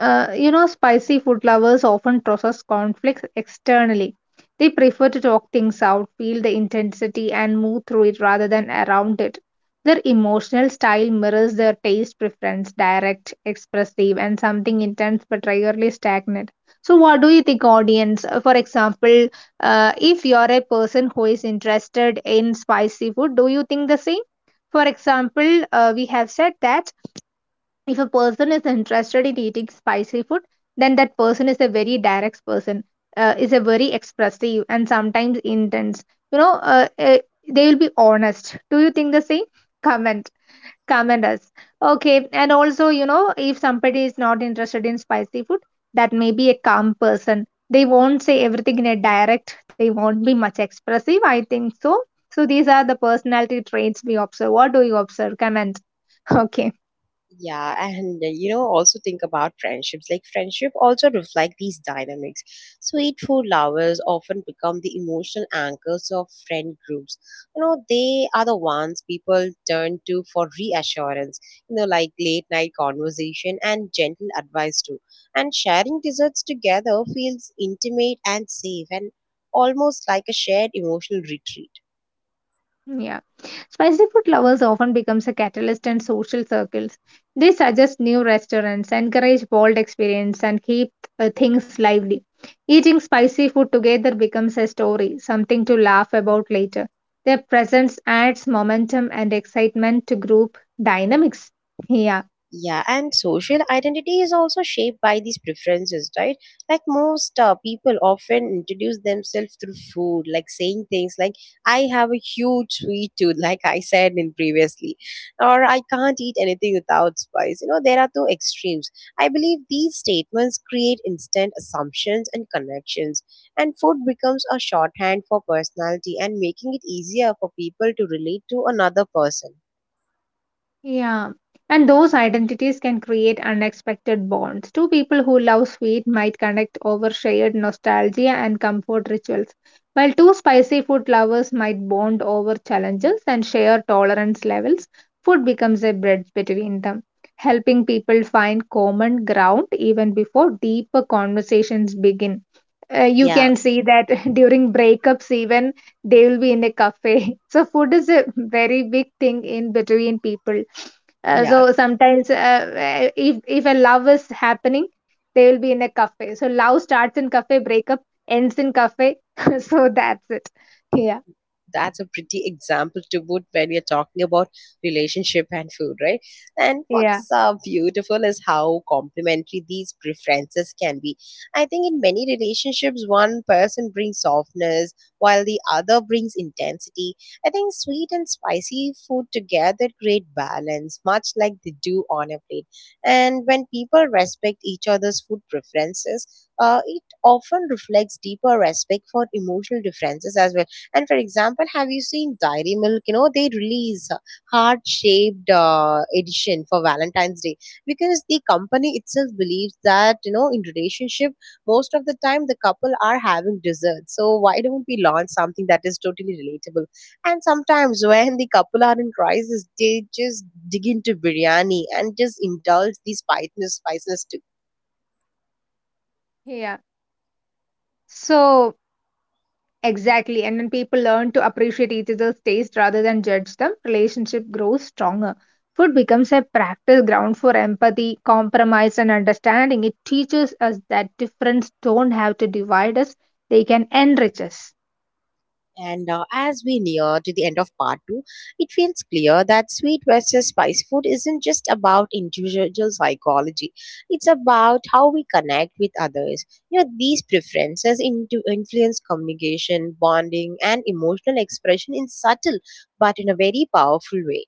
B: Uh, you know, spicy food lovers often process conflicts externally. They prefer to talk things out, feel the intensity, and move through it rather than around it. Their emotional style mirrors their taste preference direct, expressive, and something intense but rarely stagnant. So, what do you think, audience? Uh, For example, uh, if you are a person who is interested in spicy food, do you think the same? For example, uh, we have said that if a person is interested in eating spicy food, then that person is a very direct person, uh, is a very expressive and sometimes intense, you know, uh, uh, they will be honest. Do you think the same? Comment. Comment us. Okay, and also, you know, if somebody is not interested in spicy food, that may be a calm person. They won't say everything in a direct, they won't be much expressive, I think so. So these are the personality traits we observe. What do you observe? Comment. okay.
A: Yeah, and uh, you know, also think about friendships. Like friendship also reflect these dynamics. Sweet food lovers often become the emotional anchors of friend groups. You know, they are the ones people turn to for reassurance. You know, like late night conversation and gentle advice too. And sharing desserts together feels intimate and safe, and almost like a shared emotional retreat.
B: Yeah. Spicy food lovers often becomes a catalyst in social circles. They suggest new restaurants, encourage bold experience, and keep uh, things lively. Eating spicy food together becomes a story, something to laugh about later. Their presence adds momentum and excitement to group dynamics. Yeah.
A: Yeah, and social identity is also shaped by these preferences, right? Like most uh, people often introduce themselves through food, like saying things like "I have a huge sweet tooth," like I said in previously, or "I can't eat anything without spice." You know, there are two extremes. I believe these statements create instant assumptions and connections, and food becomes a shorthand for personality and making it easier for people to relate to another person.
B: Yeah, and those identities can create unexpected bonds. Two people who love sweet might connect over shared nostalgia and comfort rituals, while two spicy food lovers might bond over challenges and share tolerance levels. Food becomes a bridge between them, helping people find common ground even before deeper conversations begin. Uh, you
A: Yeah,
B: can see that during breakups even they will be in a cafe. so food is a very big thing in between people. Uh,
A: yeah,
B: so sometimes, uh, uh, if if a love is happening, they will be in a cafe. So love starts in cafe, breakup ends in cafe. so that's it. Yeah.
A: that's a pretty example to put when you're talking about relationship and food, right? And
B: Yeah.
A: what's uh, beautiful is how complementary these preferences can be. I think in many relationships, one person brings softness while the other brings intensity. I think sweet and spicy food together create balance, much like they do on a plate. And when people respect each other's food preferences, uh, it often reflects deeper respect for emotional differences as well. And for example, have you seen Dairy Milk? You know, they release heart shaped uh, edition for Valentine's Day, because the company itself believes that, you know, in relationship, most of the time the couple are having dessert. So why don't we launch something that is totally relatable? And sometimes when the couple are in crisis, they just dig into biryani and just indulge the spiciness, spiciness
B: Yeah. So exactly. And when people learn to appreciate each other's taste rather than judge them, relationship grows stronger. Food becomes a practice ground for empathy, compromise, and understanding. It teaches us that difference don't have to divide us, they can enrich us.
A: And uh, as we near to the end of part two, it feels clear that sweet versus spice food isn't just about individual psychology. It's about how we connect with others. You know, these preferences into influence communication, bonding, and emotional expression in subtle but in a very powerful way.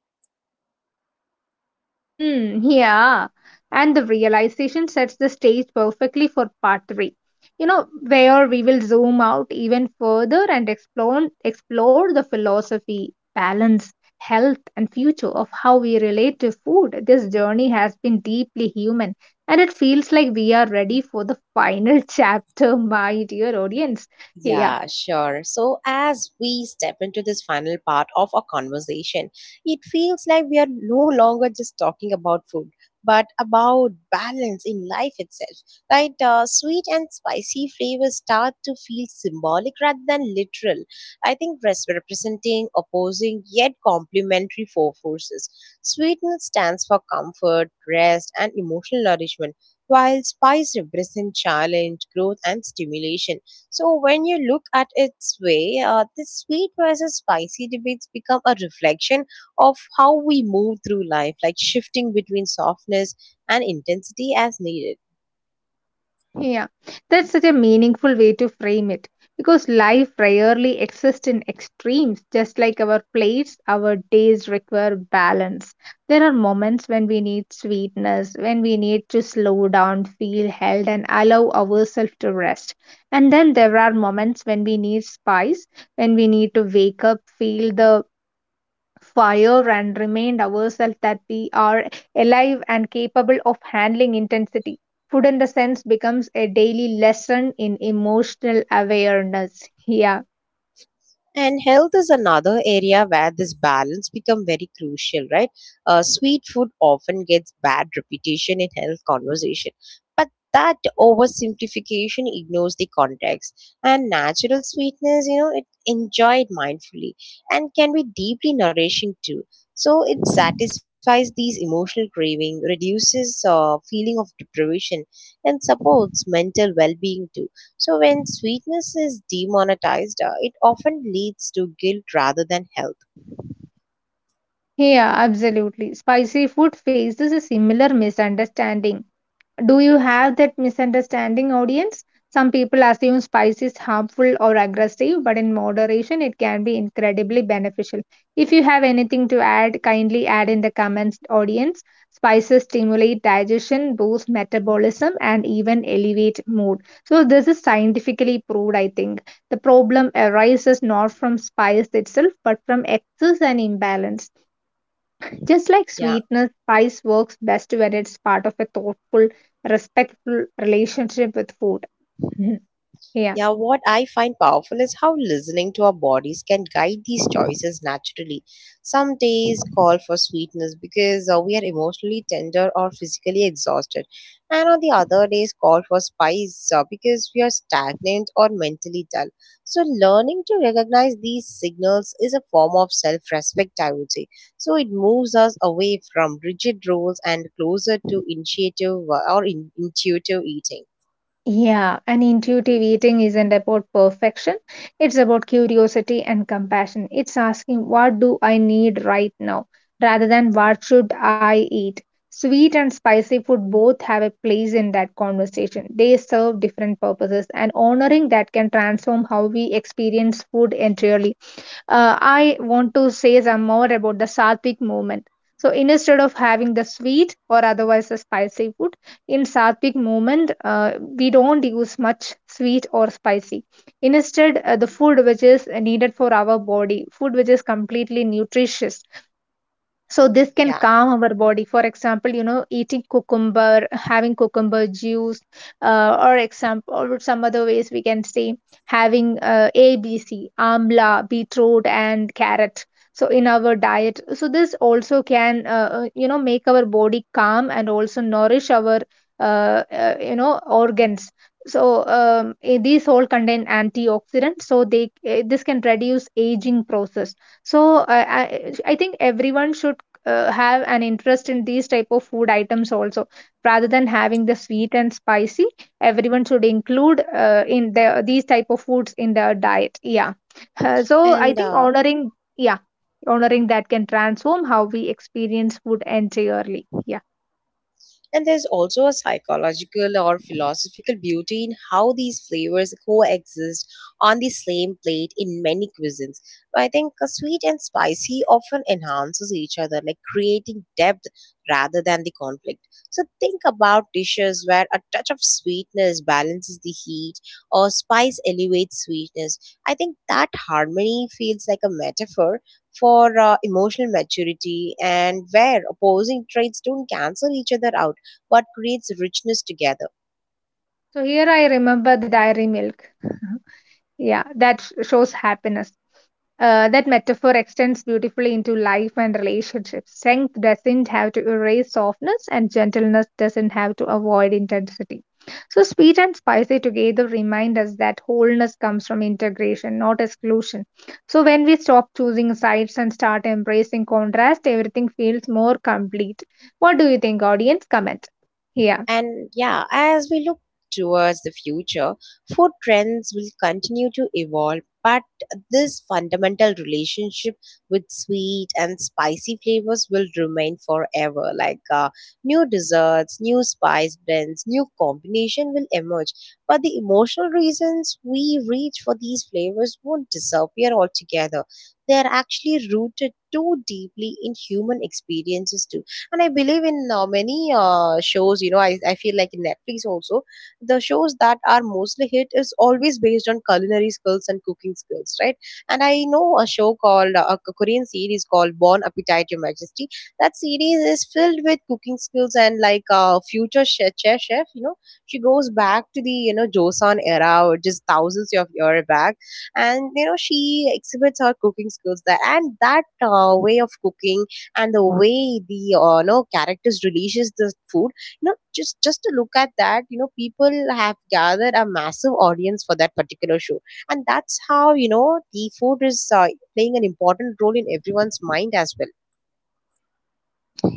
B: Mm, yeah. And the realization sets the stage perfectly for part three. You know, where we will zoom out even further and explore explore the philosophy, balance, health, and future of how we relate to food. This journey has been deeply human, and it feels like we are ready for the final chapter, my dear audience. Yeah.
A: Yeah, sure. So, as we step into this final part of our conversation, it feels like we are no longer just talking about food, but about balance in life itself. Right? Uh, sweet and spicy flavors start to feel symbolic rather than literal. I think res- representing opposing yet complementary four forces. Sweetness stands for comfort, rest, and emotional nourishment, while spice represents challenge, growth, and stimulation. So when you look at its way, uh, the sweet versus spicy debates become a reflection of how we move through life, like shifting between softness and intensity as needed.
B: Yeah, that's such a meaningful way to frame it because life rarely exists in extremes. Just like our plates, our days require balance. There are moments when we need sweetness, when we need to slow down, feel held, and allow ourselves to rest. And then there are moments when we need spice, when we need to wake up, feel the fire and remind ourselves that we are alive and capable of handling intensity. Food in the sense becomes a daily lesson in emotional awareness. Yeah.
A: And health is another area where this balance become very crucial, right? Uh, sweet food often gets bad reputation in health conversation, but that oversimplification ignores the context. And natural sweetness, you know, it enjoyed mindfully and can be deeply nourishing too. So it satisfies these emotional craving, reduces uh, feeling of deprivation, and supports mental well-being too. So, when sweetness is demonetized, uh, it often leads to guilt rather than health.
B: Yeah, absolutely. Spicy food faces a similar misunderstanding. Do you have that misunderstanding, audience? Some people assume spice is harmful or aggressive, but in moderation, it can be incredibly beneficial. If you have anything to add, kindly add in the comments, audience. Spices stimulate digestion, boost metabolism, and even elevate mood. So, this is scientifically proved, I think. The problem arises not from spice itself, but from excess and imbalance. Just like
A: Yeah.
B: sweetness, spice works best when it's part of a thoughtful, respectful relationship with food. Mhm. Yeah.
A: Yeah, what I find powerful is how listening to our bodies can guide these choices naturally. Some days call for sweetness because uh, we are emotionally tender or physically exhausted, and on the other days call for spice uh, because we are stagnant or mentally dull. So, learning to recognize these signals is a form of self respect, I would say. So, it moves us away from rigid rules and closer to initiative uh, or in- intuitive eating.
B: Yeah, and intuitive eating isn't about perfection. It's about curiosity and compassion. It's asking, what do I need right now, rather than what should I eat. Sweet and spicy food both have a place in that conversation. They serve different purposes, and honoring that can transform how we experience food entirely. uh, I want to say some more about the sattvic movement. So instead of having the sweet or otherwise the spicy food, in sattvic movement, uh, we don't use much sweet or spicy. Instead, uh, the food which is needed for our body, food which is completely nutritious, so this can
A: Yeah.
B: calm our body. For example, you know, eating cucumber, having cucumber juice, uh, or example, or some other ways we can say having uh, A B C, amla, beetroot, and carrot. So in our diet, so this also can uh, uh, you know, make our body calm and also nourish our uh, uh, you know, organs. So um, eh, these all contain antioxidants. So they eh, this can reduce aging process. So uh, I, I think everyone should uh, have an interest in these type of food items also, rather than having the sweet and spicy. Everyone should include uh, in the these type of foods in their diet. Yeah. Uh, so I
A: And
B: think
A: uh,
B: honoring yeah honoring that can transform how we experience food entirely. Yeah.
A: And there's also a psychological or philosophical beauty in how these flavors coexist on the same plate in many cuisines. So, I think uh, sweet and spicy often enhances each other, like creating depth rather than the conflict. So think about dishes where a touch of sweetness balances the heat or spice elevates sweetness. I think that harmony feels like a metaphor for uh, emotional maturity, and where opposing traits don't cancel each other out what creates richness together.
B: So here I remember the dairy milk. yeah, that sh- shows happiness. Uh, that metaphor extends beautifully into life and relationships. Strength doesn't have to erase softness, and gentleness doesn't have to avoid intensity. So, sweet and spicy together remind us that wholeness comes from integration, not exclusion. So, when we stop choosing sides and start embracing contrast, everything feels more complete. What do you think, audience? Comment. Yeah.
A: And yeah, as we look towards the future, food trends will continue to evolve, but this fundamental relationship with sweet and spicy flavors will remain forever. Like uh, new desserts, new spice blends, new combination will emerge, but the emotional reasons we reach for these flavors won't disappear altogether. They are actually rooted too deeply in human experiences too, and I believe in uh, many uh, shows, you know, I, I feel like in Netflix also, the shows that are mostly hit is always based on culinary skills and cooking skills, right? And I know a show called uh, a Korean series called Born Appetite Your Majesty. That series is filled with cooking skills, and like uh, future chef, chef chef you know, she goes back to the, you know, Joseon era, or just thousands of years back, and you know, she exhibits her cooking skills there, and that uh, way of cooking and the way the uh, you know, characters releases the food, you know, just just to look at that, you know, people have gathered a massive audience for that particular show. And that's how, you know, the food is uh, playing an important role in everyone's mind as well.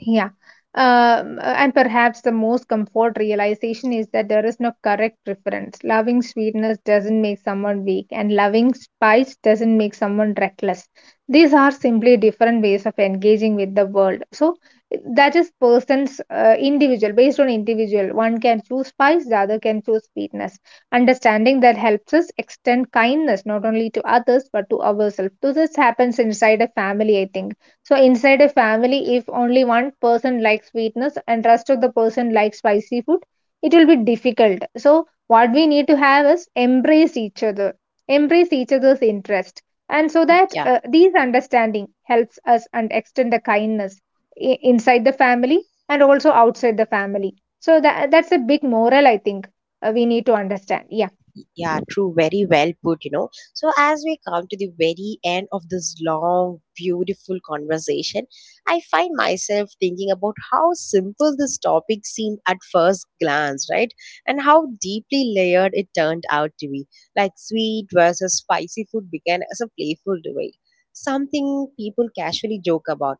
B: Yeah. Um, and perhaps the most comfort realization is that there is no correct preference. Loving sweetness doesn't make someone weak, and loving spice doesn't make someone reckless. These are simply different ways of engaging with the world. So that is person's uh, individual, based on individual. One can choose spice, the other can choose sweetness. Understanding that helps us extend kindness not only to others but to ourselves. So this happens inside a family, I think. So inside a family, if only one person likes sweetness and rest of the person likes spicy food, it will be difficult. So what we need to have is embrace each other, embrace each other's interest, and so that
A: Yeah.
B: uh, these understanding helps us and extend the kindness i- inside the family and also outside the family. So that that's a big moral I think uh, we need to understand. Yeah.
A: Yeah, true. Very well put, you know. So, as we come to the very end of this long, beautiful conversation, I find myself thinking about how simple this topic seemed at first glance, right? And how deeply layered it turned out to be. Like sweet versus spicy food began as a playful debate, something people casually joke about,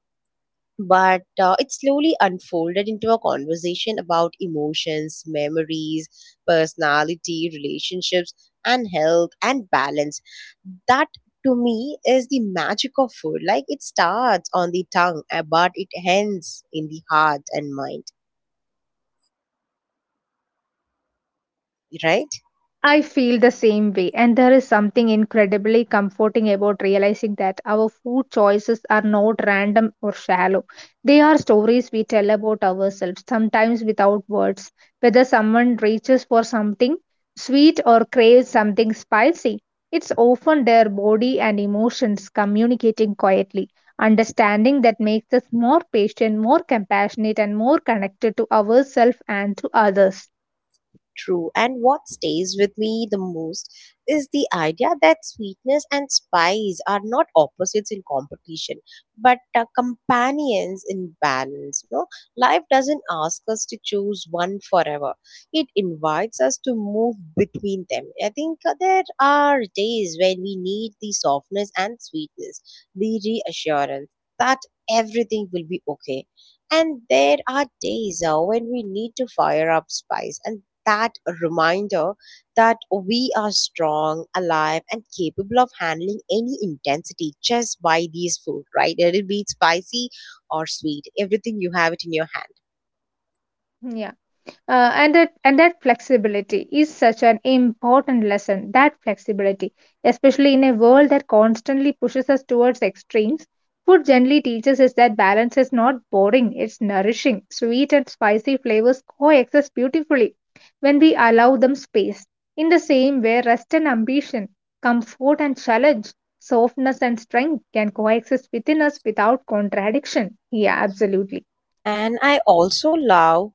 A: but uh, it slowly unfolded into a conversation about emotions, memories, personality, relationships, and health and balance. That to me is the magic of food. Like it starts on the tongue, uh, but it ends in the heart and mind, right?
B: I feel the same way, and there is something incredibly comforting about realizing that our food choices are not random or shallow. They are stories we tell about ourselves, sometimes without words. Whether someone reaches for something sweet or craves something spicy, it's often their body and emotions communicating quietly. Understanding that makes us more patient, more compassionate, and more connected to ourselves and to others.
A: True. And what stays with me the most is the idea that sweetness and spice are not opposites in competition, but uh, companions in balance. No, life doesn't ask us to choose one forever. It invites us to move between them. I think uh, there are days when we need the softness and sweetness, the reassurance that everything will be okay. And there are days uh, when we need to fire up spice, and that reminder that we are strong, alive, and capable of handling any intensity just by these food, right? It'll be spicy or sweet, everything you have it in your hand.
B: Yeah. Uh, and that and that flexibility is such an important lesson. That flexibility, especially in a world that constantly pushes us towards extremes, food generally teaches us that balance is not boring; it's nourishing. Sweet and spicy flavors coexist beautifully when we allow them space. In the same way, rest and ambition, comfort and challenge, softness and strength can coexist within us without contradiction. Yeah, absolutely.
A: And I also love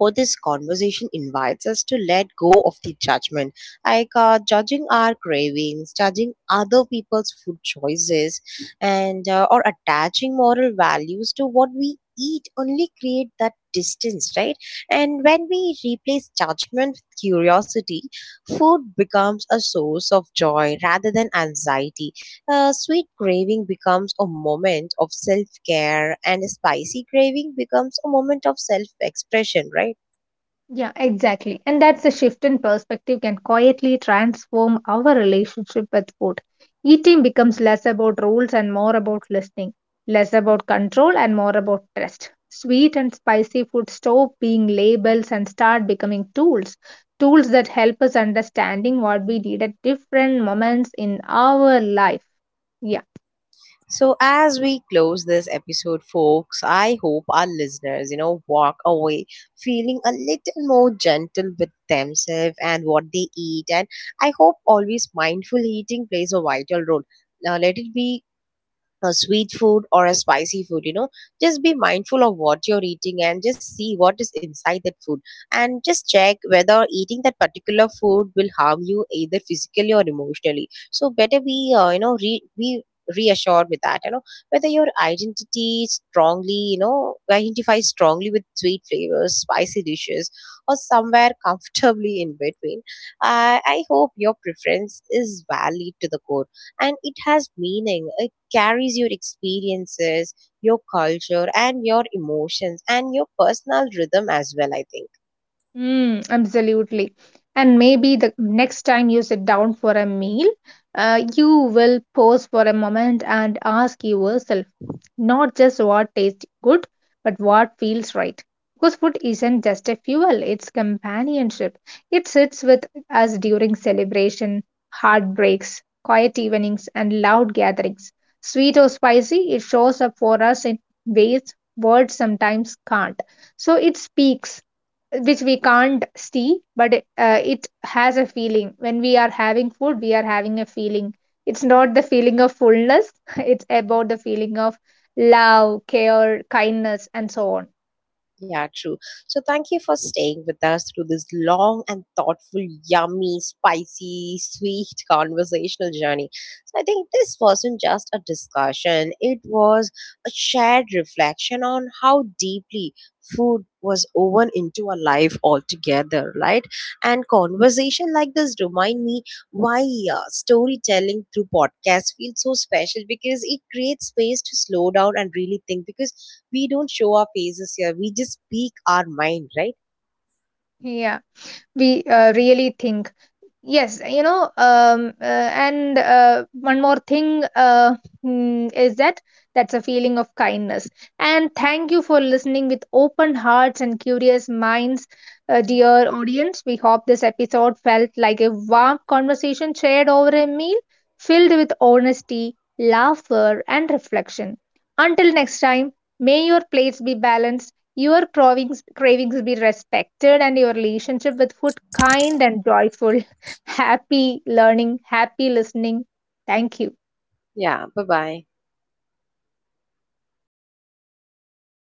A: how this conversation invites us to let go of the judgment, like uh, judging our cravings, judging other people's food choices, and uh, or attaching moral values to what we eat only create that distance, right? And when we replace judgment with curiosity, food becomes a source of joy rather than anxiety. A sweet craving becomes a moment of self care, and a spicy craving becomes a moment of self expression, right?
B: Yeah, exactly. And that's a shift in perspective can quietly transform our relationship with food. Eating becomes less about rules and more about listening, less about control and more about trust. Sweet and spicy food stop being labels and start becoming tools, tools that help us understanding what we need at different moments in our life. Yeah.
A: So, as we close this episode, folks, I hope our listeners, you know, walk away feeling a little more gentle with themselves and what they eat. And I hope always mindful eating plays a vital role. Now, let it be a sweet food or a spicy food, you know, just be mindful of what you're eating and just see what is inside that food, and just check whether eating that particular food will harm you either physically or emotionally, so better be uh, you know, re- be reassured with that, you know, whether your identity strongly, you know, identify strongly with sweet flavors, spicy dishes, or somewhere comfortably in between, i i hope your preference is valid to the core and it has meaning, carries your experiences, your culture, and your emotions, and your personal rhythm as well, I think.
B: Mm, absolutely. And maybe the next time you sit down for a meal, uh, you will pause for a moment and ask yourself not just what tastes good, but what feels right. Because food isn't just a fuel, it's companionship. It sits with us during celebration, heartbreaks, quiet evenings, and loud gatherings. Sweet or spicy, it shows up for us in ways words sometimes can't. So it speaks which we can't see, but uh, it has a feeling. When we are having food we are having a feeling. It's not the feeling of fullness, it's about the feeling of love, care, kindness, and so on.
A: Yeah, true. So thank you for staying with us through this long and thoughtful, yummy, spicy, sweet conversational journey. So I think this wasn't just a discussion, it was a shared reflection on how deeply food was woven into our life altogether, right? And conversation like this remind me why uh, storytelling through podcasts feels so special, because it creates space to slow down and really think, because we don't show our faces here, we just speak our mind, right?
B: Yeah, we uh, really think. Yes, you know, um, uh, and uh, one more thing, uh, mm, is that that's a feeling of kindness. And thank you for listening with open hearts and curious minds, uh, dear audience. We hope this episode felt like a warm conversation shared over a meal, filled with honesty, laughter, and reflection. Until next time, may your plates be balanced, your cravings cravings be respected, and your relationship with food kind and joyful. Happy learning, happy listening. Thank you.
A: Yeah, bye bye.